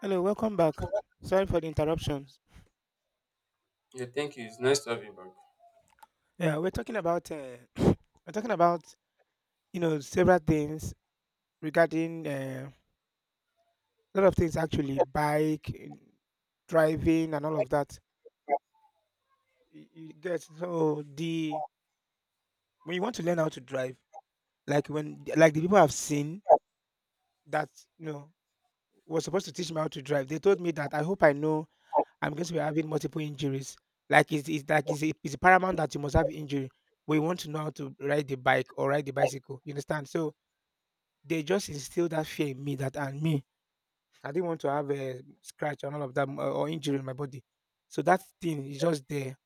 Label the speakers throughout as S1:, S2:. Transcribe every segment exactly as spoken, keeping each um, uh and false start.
S1: Hello, welcome back. Sorry for the interruptions. Yeah, we're talking about uh, we're talking about you know several things regarding uh, a lot of things actually, bike, eh, driving, and all of that. You, you get so the when you want to learn how to drive, like when like the people have seen that you know was supposed to teach me how to drive. They told me that I hope I know I'm going to be having multiple injuries. Like it's, it's like it's, it's paramount that you must have injury. We want to know how to ride the bike or ride the bicycle. You understand? So they just instilled that fear in me, that and me. I didn't want to have a scratch and all of that uh, or injury in my body. So that thing is just there.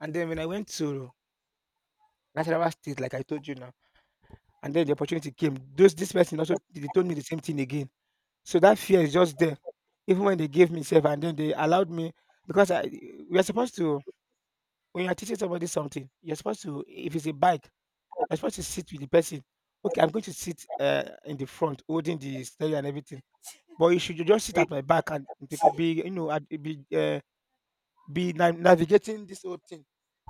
S1: And then when I went to Nasarawa State, like I told you now, and then the opportunity came. Those This person also, they told me the same thing again. So that fear is just there. Even when they gave me safe and then they allowed me, because I we are supposed to, when you're teaching somebody something, you're supposed to, if it's a bike, you're supposed to sit with the person. Okay, I'm going to sit uh, in the front, holding the steering and everything. But you should just sit at my back, and they could be, you know, I'd be uh, be na- navigating this whole thing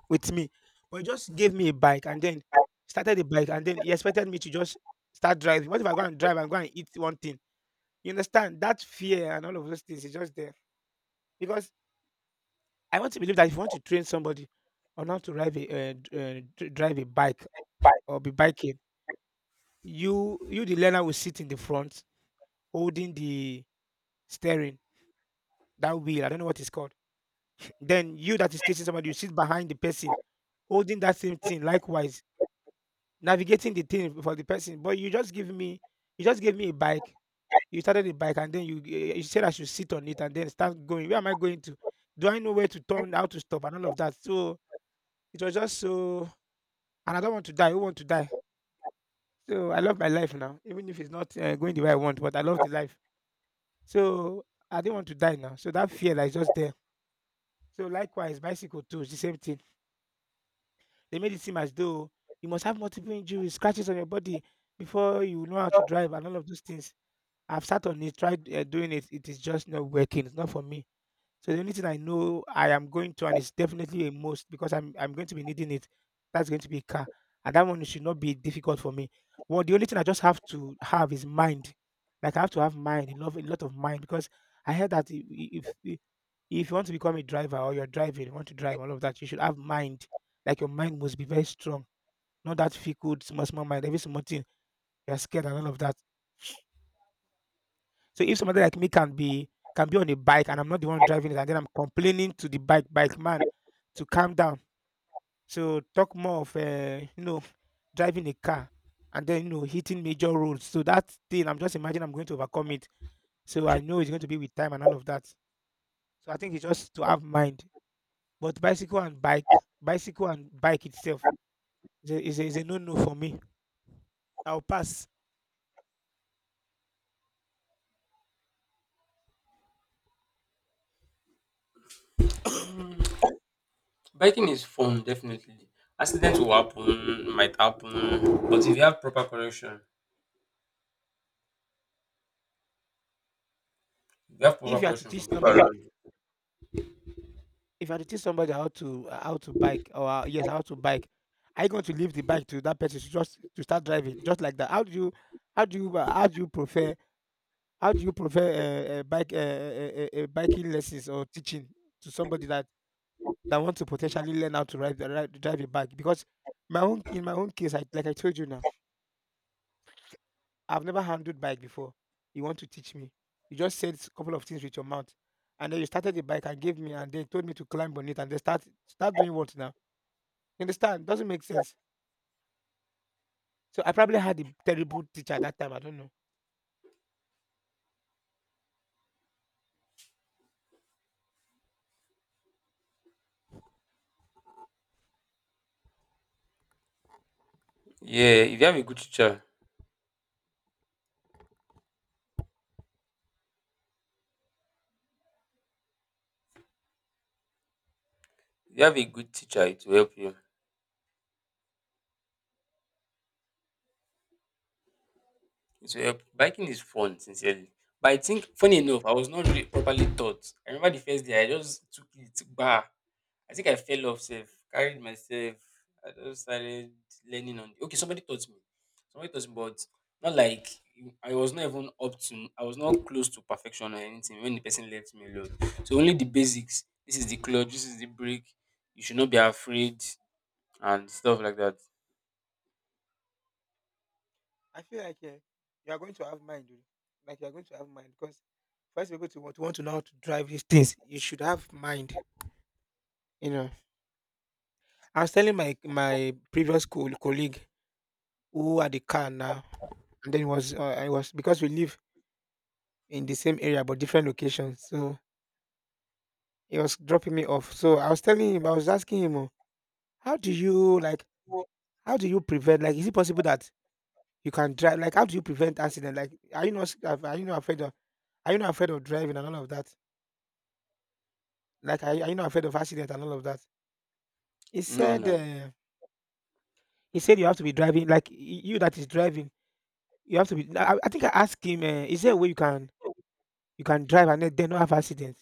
S1: with me. But you just gave me a bike, and then started the bike, and then you expected me to just start driving. What if I go and drive and go and eat one thing? You understand that fear and all of those things is just there, because I want to believe that if you want to train somebody on how to drive a uh, d- uh, dr- drive a bike, or be biking, you you the learner will sit in the front holding the steering, that wheel. I don't know what it's called. Then you that is teaching somebody, you sit behind the person holding that same thing, likewise navigating the thing for the person. But you just give me, you just gave me a bike. You started the bike, and then you eh, you said I should sit on it and then start going. Where am I going to? Do I know where to turn, how to stop, and all of that? So it was just so, and I don't want to die. Who want to die? So I love my life now, even if it's not uh, going the way I want. But I love the life. So I didn't want to die now. So that fear that is just there. So likewise, bicycle too, it's the same thing. They made it seem as though you must have multiple injuries, scratches on your body, before you know how to drive and all of those things. I've sat on it, tried uh, doing it. It is just not working. It's not for me. So the only thing I know I am going to, and it's definitely a must, because I'm I'm going to be needing it. That's going to be a car, and that one should not be difficult for me. Well, the only thing I just have to have is mind. Like I have to have mind, a lot, a lot of mind, because I heard that if, if if you want to become a driver, or you're driving, you want to drive all of that, you should have mind. Like your mind must be very strong, not that fickle, small, small mind. Every small thing you're scared and all of that. So if somebody like me can be can be on a bike and I'm not the one driving it, and then I'm complaining to the bike bike man to calm down. So talk more of uh, you know driving a car, and then you know hitting major roads. So that thing, I'm just imagining I'm going to overcome it. So I know it's going to be with time and all of that. So I think it's just to have mind. But bicycle and bike, bicycle and bike itself is a, is a, is a no-no for me. I'll pass. If you are to teach somebody, If you are to teach somebody how to how to bike, or uh, yes, how to bike, are you going to leave the bike to that person to just to start driving just like that? How do you how do you uh, how do you prefer how do you prefer uh, uh, bike uh, uh, uh, uh, biking lessons or teaching to somebody that that want to potentially learn how to ride, ride drive a bike? Because my own in my own case, I like I told you now. I've never handled bike before. You want to teach me? You just said a couple of things with your mouth, and then you started the bike and gave me, and then told me to climb on it, and then start start doing what now? You understand? Doesn't make sense. So I probably had a terrible teacher at that time. I don't know. I feel like eh, you are going to have mind, oh. Like you are going to have mind, because first people to want to want to know how to drive these things, you should have mind. You know, I was telling my my previous co- colleague who had the car now, and then it was uh, I was because we live in the same area but different locations. So he was dropping me off. So I was telling him, I was asking him, "Oh, how do you like? How do you prevent? Like, is it possible that you can drive? Like, how do you prevent accident? Like, are you not? sc- Are are you not afraid of? Are you not afraid of driving and all of that? Like, are, you- are you not afraid of accident and all of that?" He said, uh, "He said you have to be driving. Like, y- you that is driving, you have to be." I, I think I asked him, uh, "Is there a way you can you can drive and then then not have accident?"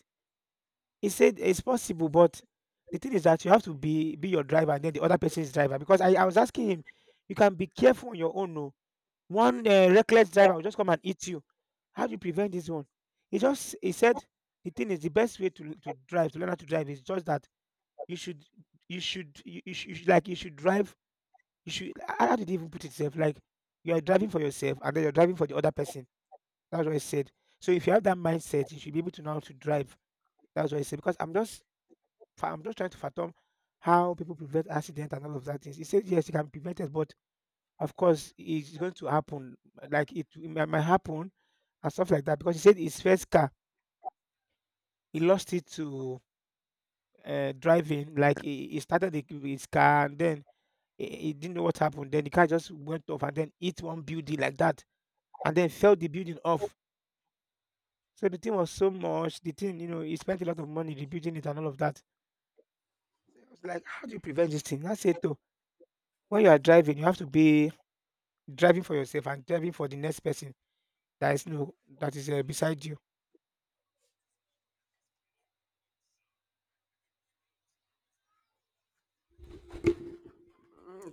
S1: He said it's possible, but the thing is that you have to be be your driver and then the other person's driver. Because I, I was asking him, you can be careful on your own. No, one uh, reckless driver will just come and eat you. How do you prevent this one? He just he said the thing is, the best way to to drive to learn how to drive is just that you should you should you, you should you should- like you should drive. You should how how did he even put it? Itself, like you are driving for yourself and then you're driving for the other person. That's what he said. So if you have that mindset, you should be able to know how to drive. That's what I said. Because I'm just fa I'm just trying to fathom how people prevent accident and all of that things. He said, yes, it can be prevented, but of course, it's going to happen. Like it, it might might happen and stuff like that. Because he said his first car, he lost it to uh, driving. Like he, he started the, his car, and then he, he didn't know what happened. Then the car just went off and then hit one building like that and then fell the building off. So the thing was so much. The thing, you know, he spent a lot of money rebuilding it and all of that. I was like, how do you prevent this thing? I said, though, when you are driving, you have to be driving for yourself and driving for the next person that is, no, that is, uh, beside you.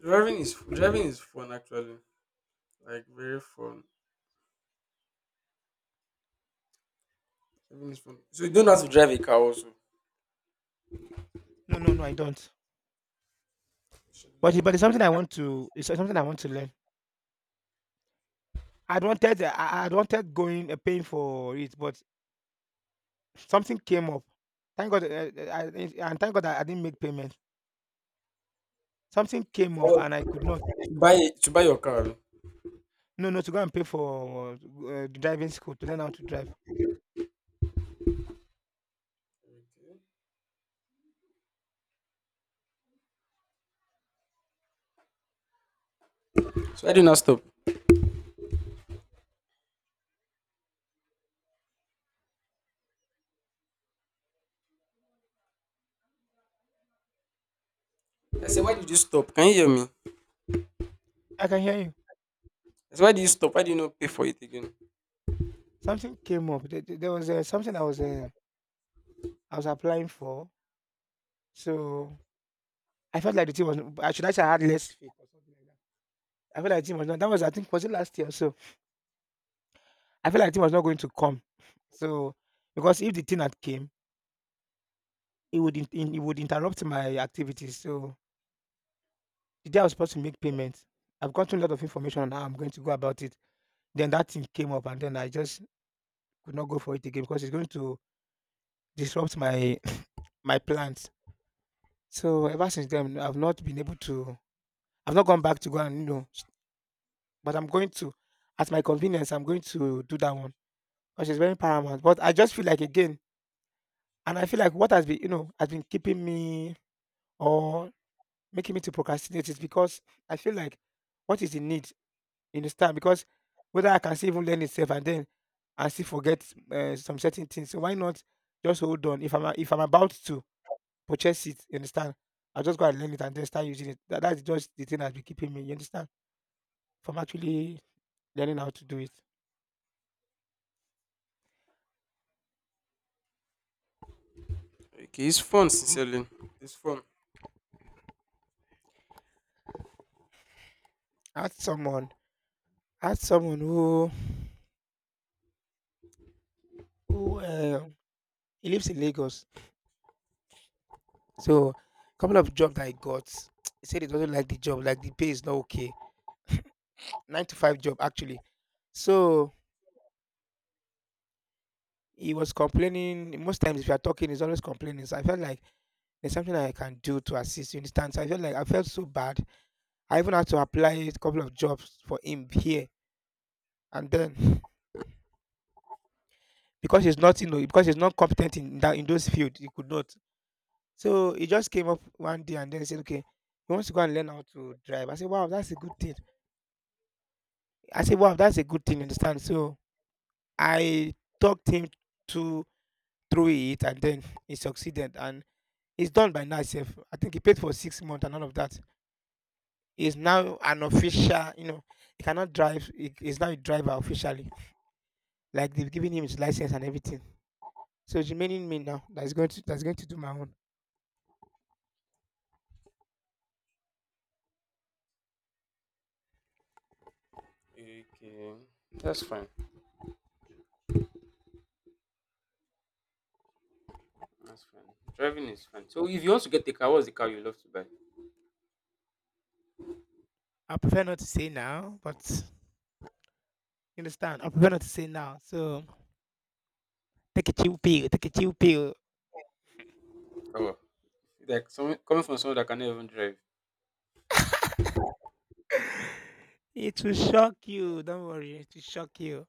S2: Driving is driving is fun actually. Fun. Uh,
S1: No, no, no, I don't. But it- but it's something I want to. It's something I want to learn. I'd wanted uh, I- I'd wanted going uh, paying for it, but something came up. Thank God, uh, uh, I, did and thank God I, I didn't make payment. Something came up and I could not. No, no, to go and pay for uh, the driving school to learn how to drive. I can hear you. Something came up. There, there there was uh, something I was uh, I was applying for. So I felt like the thing was. I should actually had less faith or something like that. I feel like the team was not. That was, I think, was it last year? Or so, I feel like the team was not going to come. So, because if the team had came, it would in, in- it would interrupt my activities. So the day I was supposed to make payments, I've gotten a lot of information on how I'm going to go about it. Then that thing came up, and then I just could not go for it again because it's going to disrupt my my plans. So ever since then, I've not been able to. I've not gone back to go and you know, s- but I'm going to, at my convenience, I'm going to do that one because it's very paramount. But I just feel like again. And I feel like what has been, you know, has been keeping me or making me to procrastinate is because I feel like what is the need in this time? Because whether I can still even learn itself and then I still forget uh, some certain things. So why not just hold on? If I'm a- if I'm about to purchase it, you understand? I'll just go and learn it and then start using it. That, that's just the thing that's been keeping me, you understand? From actually learning how to do it. Ask someone, ask someone who who uh, he lives in Lagos. So a couple of job that I got, he said he doesn't like the job, like the pay is not okay. Nine to five job actually. So he was complaining. Most times if you are talking, he's always complaining. So I felt like there's something I can do to assist. You understand? So I felt like I felt so bad. I even had to apply a couple of jobs for him here, and then because he's not you know because he's not competent in that in those fields, he could not. So he just came up one day and then he said, "Okay, he wants to go and learn how to drive." I said, "Wow, that's a good thing." I said, "Wow, that's a good thing," you understand? So I talked him to through it, and then he succeeded, and he's done by now itself. I think he paid for six months and all of that. He's now an official. You know, he cannot drive. He, he's now a driver officially. Like they've given him his license and everything. So it's remaining me now. That's going to that's going to do my own. I prefer not to say now, but you understand. I prefer not to say now. So take a chill pill. Take a chill pill. It will shock you. Don't worry. It will shock you.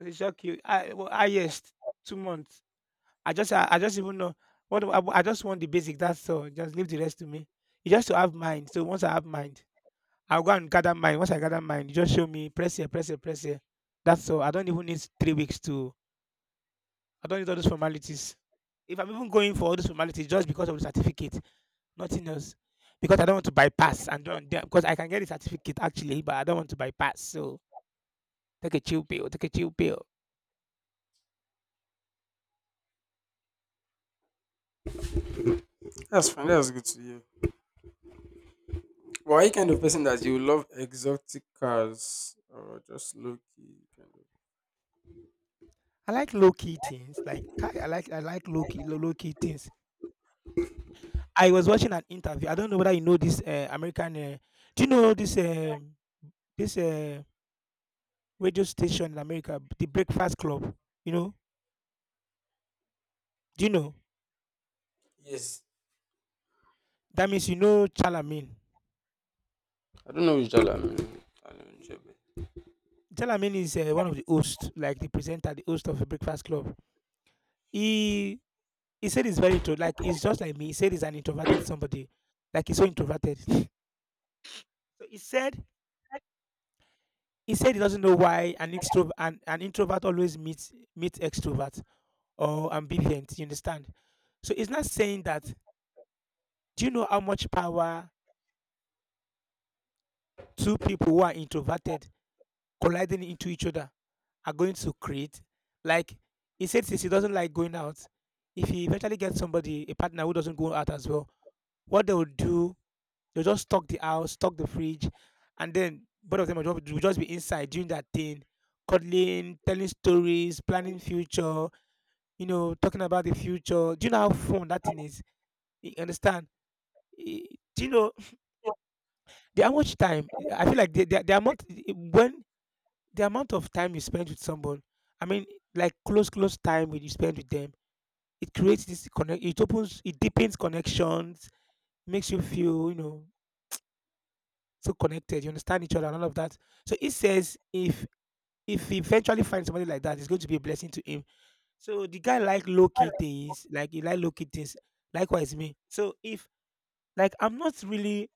S1: It will shock you. I well, highest two months, I just I, I just even know what I, I just want the basic. That's all. Just leave the rest to me. You just to have mind. So once I have mind, I'll go and gather mind. Once I gather mind, you just show me press here, press here, press here. That's all. I don't even need three weeks to. I don't need all those formalities. If I'm even going for all those formalities, just because of the certificate, nothing else. Because I don't want to bypass, and don't, because I can get the certificate actually, but I don't want to bypass. So take a chill pill, take a chill pill. I like low key things. Like ki- I like I like low key low, low key things. I was watching an interview. I don't know whether you know this uh, American. Uh, do you know this uh, this uh, radio station in America, the Breakfast Club? You know? Do you know? That means you know Chalamin. Jalamin is uh, one of the hosts, like the presenter, the host of a Breakfast Club. He he said it's very true. Like he's just like me. He said he's an introverted somebody. Like he's so introverted. So he said he said he doesn't know why an extrovert an, an introvert always meets meets extrovert or ambivalent. You understand? So it's not saying that. Do you know how much power two people who are introverted colliding into each other are going to create? Like he said, since he doesn't like going out, if he eventually gets somebody, a partner who doesn't go out as well, what they will do, they'll just stock the house, stock the fridge, and then both of them will just will just be inside doing that thing, cuddling, telling stories, planning future, you know, talking about the future. Do you know how fun that thing is? You understand? Eh, do you know the how much time? I feel like the, the, the amount when the amount of time you spend with someone, I mean, like close, close time when you spend with them, it creates this connect. It opens, it deepens connections, makes you feel, you know, so connected. You understand each other and all of that. So he says, if if he eventually finds somebody like that, it's going to be a blessing to him. So the guy like low key things, like he like low key things. Likewise me. So if, like, I'm not really,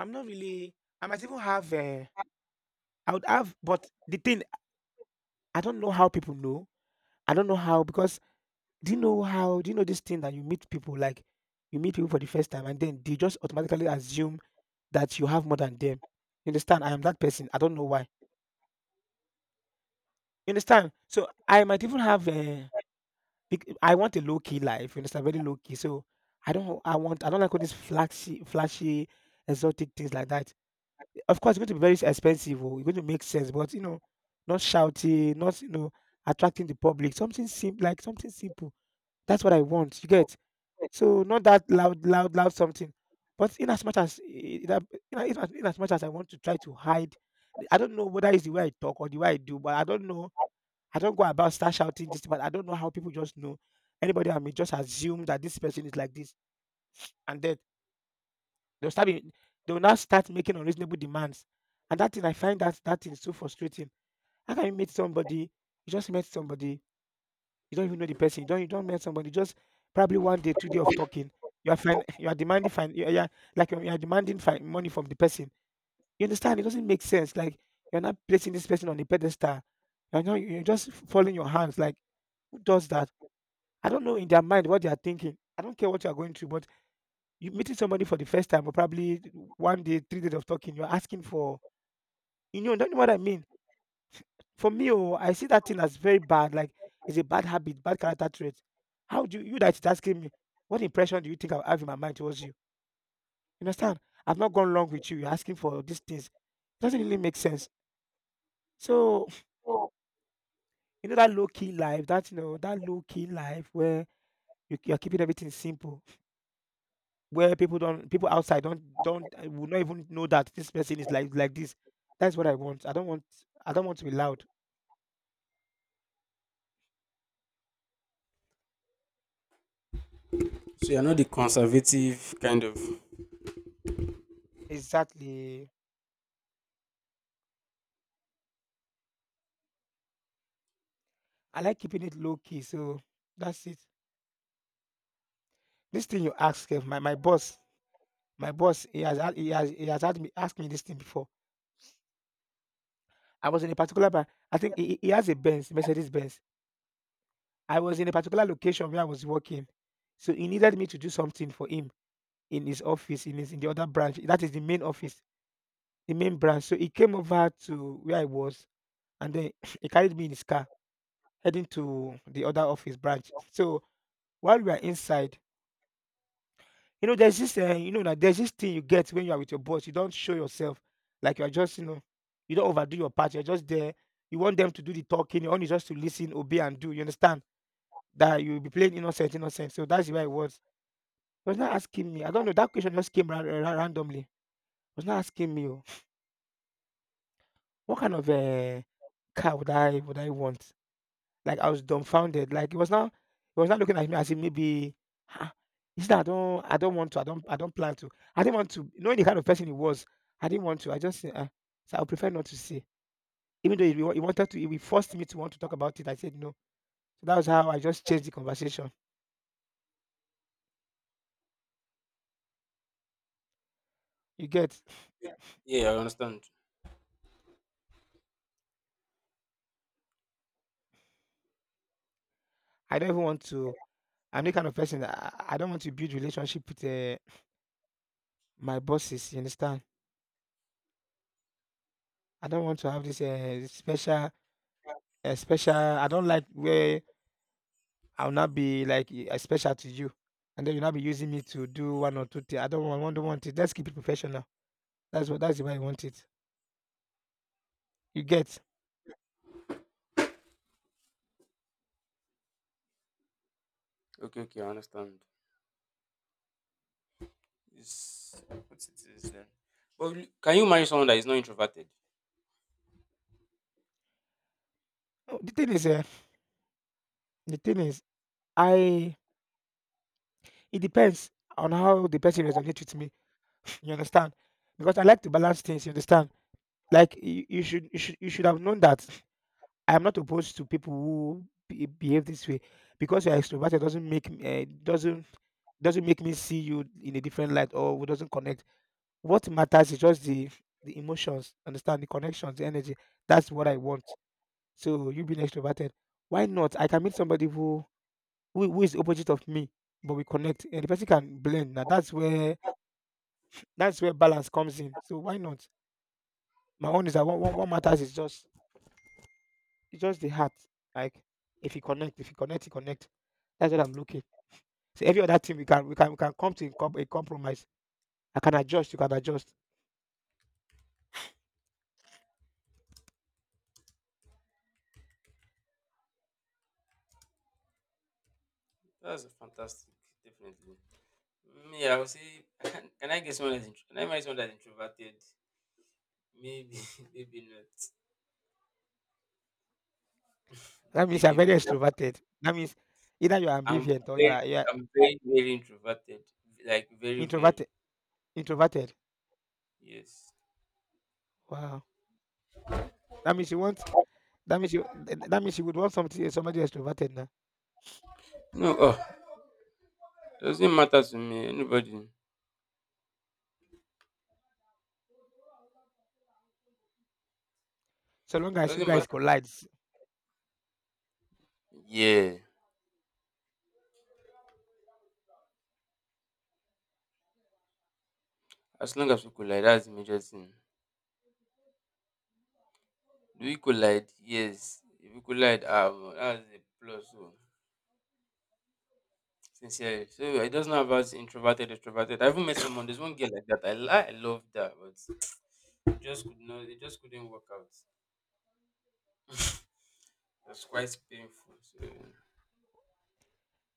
S1: I'm not really, I might even have. Uh, I would have, but the thing, I don't know how people know. I don't know how, because Do you know how do you know this thing, that you meet people, like you meet people for the first time, and then they just automatically assume that you have more than them? You understand? I am that person. I don't know why. You understand? So I might even have a I want a low key life. You understand? Very low key. So I don't. I want. I don't like all these flashy, flashy, exotic things like that. Of course, it's going to be very expensive. Or it's going to make sense, but you know, not shouty, not you know, attracting the public. Something simple, like something simple. That's what I want. You get? So not that loud, loud, loud something. But in as much as I- that, in as, in as in as much as I want to try to hide, I don't know whether it's the way I talk or the way I do, but I don't know. I don't go about start shouting this, but I don't know how people just know. Anybody, I mean, just assume that this person is like this, and then they'll start. being- They'll now start making unreasonable demands, and that thing, I find that that thing so frustrating. How can you meet somebody? You just met somebody. You don't even know the person. You don't you don't meet somebody. Just probably one day, two day of talking. You are fin- you are demanding fin- you are you are- like you are demanding fi- money from the person. You understand? It doesn't make sense. Like, you're not placing this person on a pedestal. You know, you're just folding your hands. Like, who does that? I don't know, in their mind, what they are thinking. I don't care what you are going through, but you meeting somebody for the first time, or probably one day, three days of talking, you're asking for you know, don't you know what I mean? For me, oh, I see that thing as very bad. Like, it's a bad habit, bad character trait. How do you you that is asking me, what impression do you think I have in my mind towards you? You understand? I've not gone wrong with you. You're asking for these things. It doesn't really make sense. So you know that low key life, that you know that low key life where you, you're keeping everything simple, where people don't, people outside don't, don't, uh, will not even know that this person is like like this. That's what I want. I don't want, I don't want to be loud. Exactly. I like keeping it low key. So that's it. This thing you ask sef, my my boss my boss, he has had he has he has had me asked me this thing before. I was in a particular bar, I think. He he he has a Benz, Mercedes Benz. I was in a particular location where I was working, so he needed me to do something for him in his office, in his in the other branch. That is the main office, the main branch. So he came over to where I was, and then he carried me in his car heading to the other office branch. So while we were inside, you know, there's this, uh, you know, that there's this thing you get when you are with your boss. You don't show yourself, like you are just, you know, you don't overdo your part. You're just there. You want them to do the talking. You only just to listen, obey, and do. You understand that you'll be playing innocent, innocent. So that's why it was. He was not asking me. I don't know. That question just came ra- ra- randomly. He was not asking me. Oh, what kind of uh, car would I would I want? Like, I was dumbfounded. Like, he was not, he was not looking at me as if maybe, ah, is that I don't I don't want to, I don't I don't plan to. I didn't want to. Knowing the kind of person he was, I didn't want to. I just said, "Ah, so I would prefer not to say." Even though he, wa- he wanted to, he forced me to want to talk about it. I said no. So that was how I just changed the conversation. You get? I don't even want to. I'm the kind of person that I, I don't want to build relationship with uh, my bosses. You understand? I don't want to have this uh, special, uh, special. I don't like where I'll not be like y- uh, special to you, and then you'll not be using me to do one or two things. I don't want, I don't want it. Let's keep it professional. That's what that's the way I want it. You get. Oh, the thing is, uh, the thing is, I it depends on how the person resonates with me. You understand? Because I like to balance things. You understand? Like you, you should, you should, you should have known that I am not opposed to people who be, behave this way. Because you're extroverted doesn't make me, uh, doesn't doesn't make me see you in a different light, or doesn't connect. What matters is just the the emotions, understand the connections, the energy. That's what I want. So you being extroverted, why not? I can meet somebody who who, who is the opposite of me, but we connect, and the person can blend. Now that's where that's where balance comes in. So why not? My own is that what, what, what matters is just it's just the heart. Like if you connect, if you connect, you connect. That's what I'm looking. So every other thing we can we can we can come to a com- a compromise. I can adjust. You can adjust. That means you're very extroverted. That means either you're ambivalent, or you are. you are Introverted introverted. Wow. That means you want that means you th- that means you would want something, somebody extroverted now. So long as you guys collides.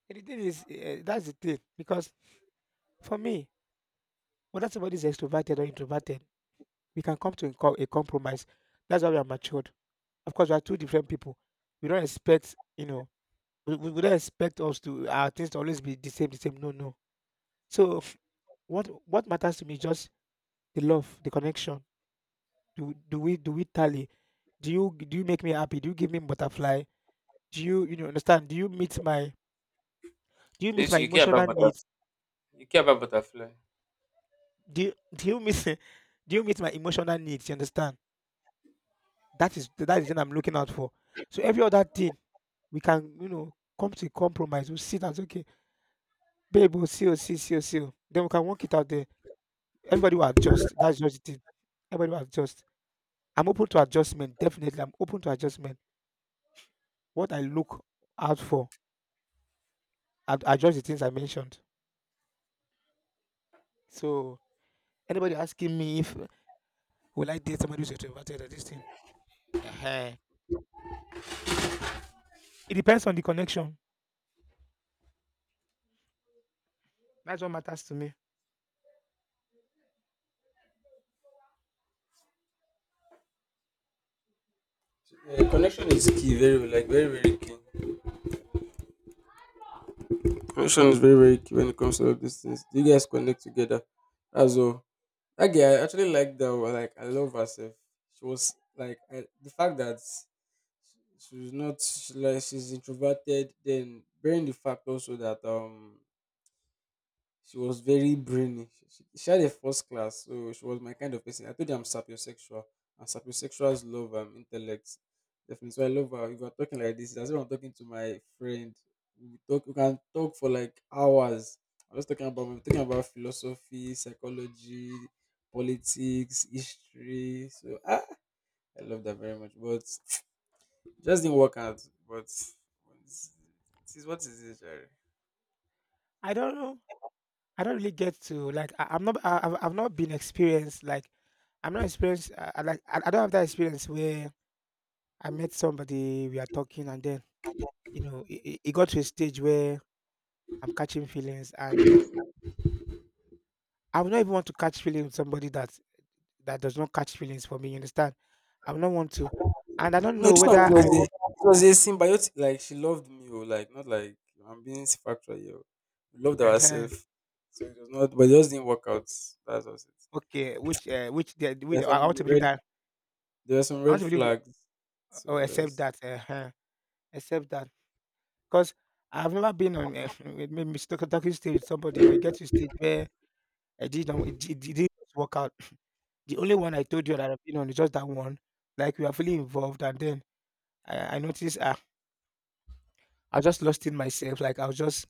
S1: And the thing is, eh, that's the thing because for me, whether somebody is extroverted or introverted, we can come to a co- a compromise. That's why we are matured. Of course, we are two different people. We don't expect, you know, we, we we don't expect us to our things to always be the same, the same. No, no. So what what matters to me is just the love, the connection. Do do we do we tally? Do you do you make me happy? Do you give me butterfly? Do you you know understand? Do you meet my do you meet my emotional needs? Do you do you meet do you meet my emotional needs? You understand? That is that is what I'm looking out for. So every other thing we can you know come to a compromise. We'll sit and say, "Okay, babe, we'll see, we'll see, see, we'll see. Oh." Then we can work it out there. Everybody will adjust. That's just it. Everybody will adjust. I'm open to adjustment. Definitely, I'm open to adjustment. What I look out for, I adjust the things I mentioned. So, anybody asking me if, will I date somebody who's extroverted, or this thing? Ehen. It depends on the connection. That's what matters to me.
S2: Connection is key, very like very very key.
S1: I don't know. I don't really get to, like, I, I'm not. I, I've, I've not been experienced. Like, I'm not experienced. I, I like. I, I don't have that experience where I met somebody. We are talking, and then, you know, it, it it got to a stage where I'm catching feelings, and I would not even want to catch feelings with somebody that that does not catch feelings for me. You understand? I would not want to, and I don't know whether I will. uh Okay. Which uh, which the- which I I want to believe that. I want to believe. Oh, except that, uh-huh, except that, 'cause I've never been on uh, with maybe talk talking stage with somebody, or you get to a stage where I didn't it did- it didn't work out. The only one I told you that I've been on is just that one, like we are fully involved, and then I I noticed, ah, I just lost in myself, like I was just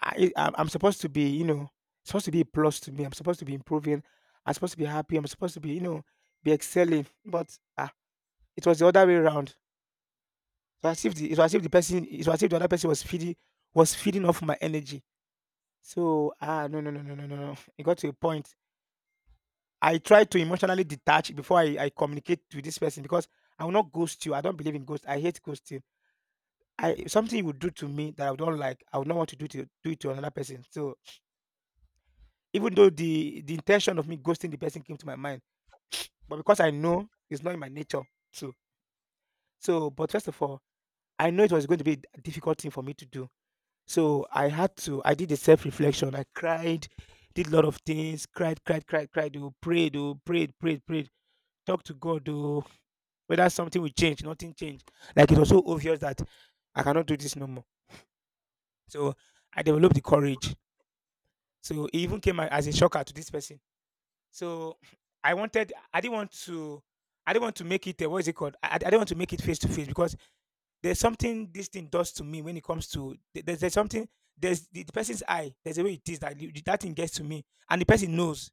S1: I I'm I'm supposed to be, you know, supposed to be a plus to me. I'm supposed to be improving, I'm supposed to be happy, I'm supposed to be, you know, be excelling, but, ah, it was the other way around. So as if the it's as if the person it's as if the other person was feeding was feeding off my energy. So, ah no, no, no, no, no, no, no. It got to a point. I try to emotionally detach before I, I communicate to this person, because I will not ghost you. I don't believe in ghost. I hate ghosting. I, something you would do to me that I don't like, I would not want to do, to do it to another person. So, even though the the intention of me ghosting the person came to my mind, but because I know it's not in my nature. So, so but first of all, I know it was going to be a difficult thing for me to do. So I had to, I did a self reflection. I cried, did a lot of things, cried, cried, cried, cried, oh, prayed, oh, prayed, prayed, prayed, talked to God, oh, whether something will change, nothing changed. Like, it was so obvious that I cannot do this no more. So I developed the courage. So it even came a- as a shocker to this person. So, I wanted, I didn't want to, I didn't want to make it, uh, what is it called? I, I didn't want to make it face to face, because there's something this thing does to me when it comes to there- there's, there's something, there's the, the person's eye, there's a way it is that you- that thing gets to me, and the person knows.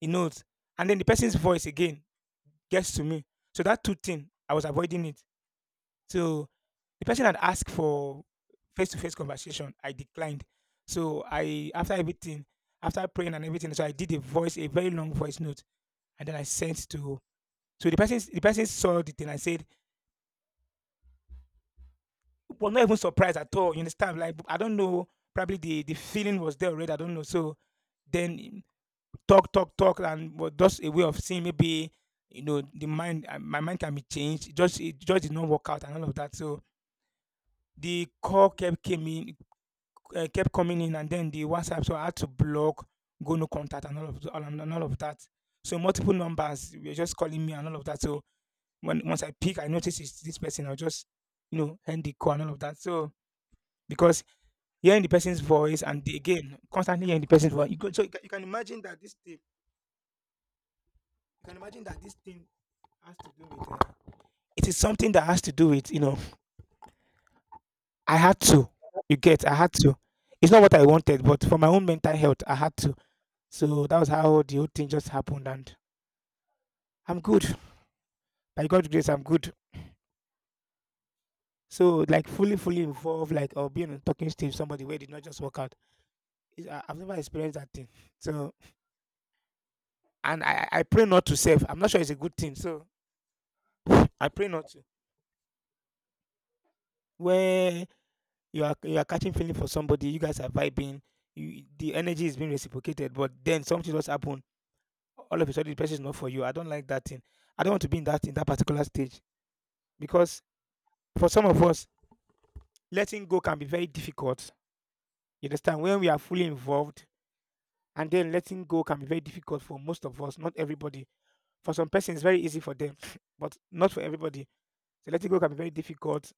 S1: He knows. And then the person's voice again gets to me. So that two thing I was avoiding it. So the person had asked for face-to-face conversation. I declined. So, I, after everything, after praying and everything, so I did a voice a very long voice note, and then I sent to. So the person the person saw the thing I said, was not even surprised at all. You understand? Like, I don't know. Probably the the feeling was there already. I don't know. So then, mm, talk, talk, talk, and was just a way of seeing maybe, you know, the mind. uh, My mind can be changed. It just it just did not work out, and all of that. So the call kept, came in, uh, kept coming in, and then the WhatsApp. So I had to block, go no contact, and all of th- and and all of that. So, multiple numbers were just calling me, and all of that. So, when once I pick, I notice it's this person, I'll just, you know end the call, and all of that. So, because hearing the person's voice, and the, again, constantly hearing the person's voice. You go, so you can, you can imagine that this thing, you can imagine that this thing has to do with. Uh, it is something that has to do with, you know. I had to. You get. I had to. It's not what I wanted, but for my own mental health, I had to. So that was how the whole thing just happened, and I'm good. By God's grace, I'm good. So, like, fully, fully involved, like, or being on talking stage with somebody, where it did not just work out. It's- I- I've never experienced that thing. So, and I, I I pray not to save. I'm not sure it's a good thing. So, I pray not to. Where you are you are catching feeling for somebody, you guys are vibing, you, the energy is being reciprocated, but then something just happened. All of a sudden, the person is not for you. I don't like that thing. I don't want to be in that, in that particular stage, because for some of us, letting go can be very difficult. You understand, when we are fully involved, and then letting go can be very difficult for most of us. Not everybody. For some persons, it's very easy for them, but not for everybody. So, letting go can be very difficult.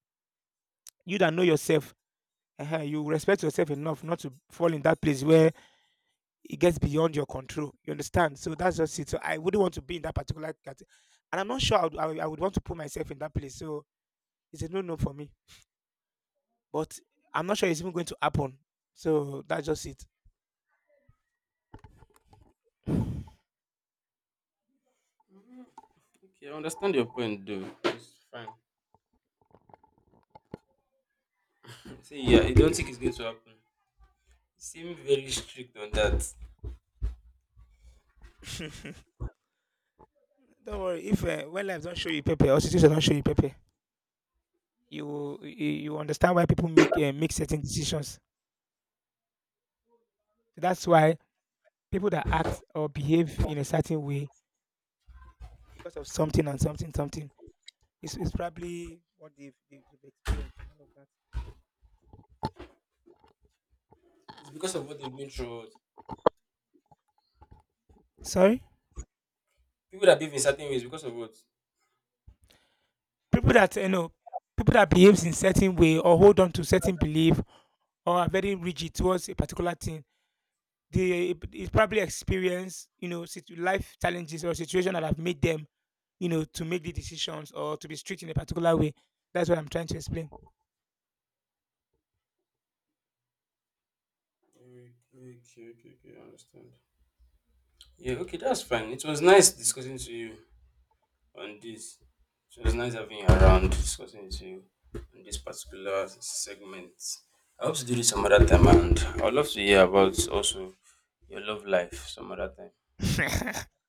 S1: You that know yourself, uh you respect yourself enough not to fall in that place where it gets beyond your control. You understand? So that's just it. So I wouldn't want to be in that particular category. And I'm not sure I would, I would, I would want to put myself in that place. So it's a no no for me. But I'm not sure it's even going to happen. So that's just it. Don't worry. If, uh, when life don't show you paper, or situations don't show you paper, you will- you, you understand why people make uh, make certain decisions. So, that's why people that act or behave in a certain way, because of something, and something, something. It's, it's probably what they've, they've, they've experienced, and all of that.
S2: But
S1: Sorry.
S2: people that
S1: people that you know people that behaves in certain way, or hold on to certain belief, or are very rigid towards a particular thing, they it probably experience, you know situ- life challenges or situation that have made them, you know to make the decisions, or to be strict in a particular way. That's what I'm trying to explain.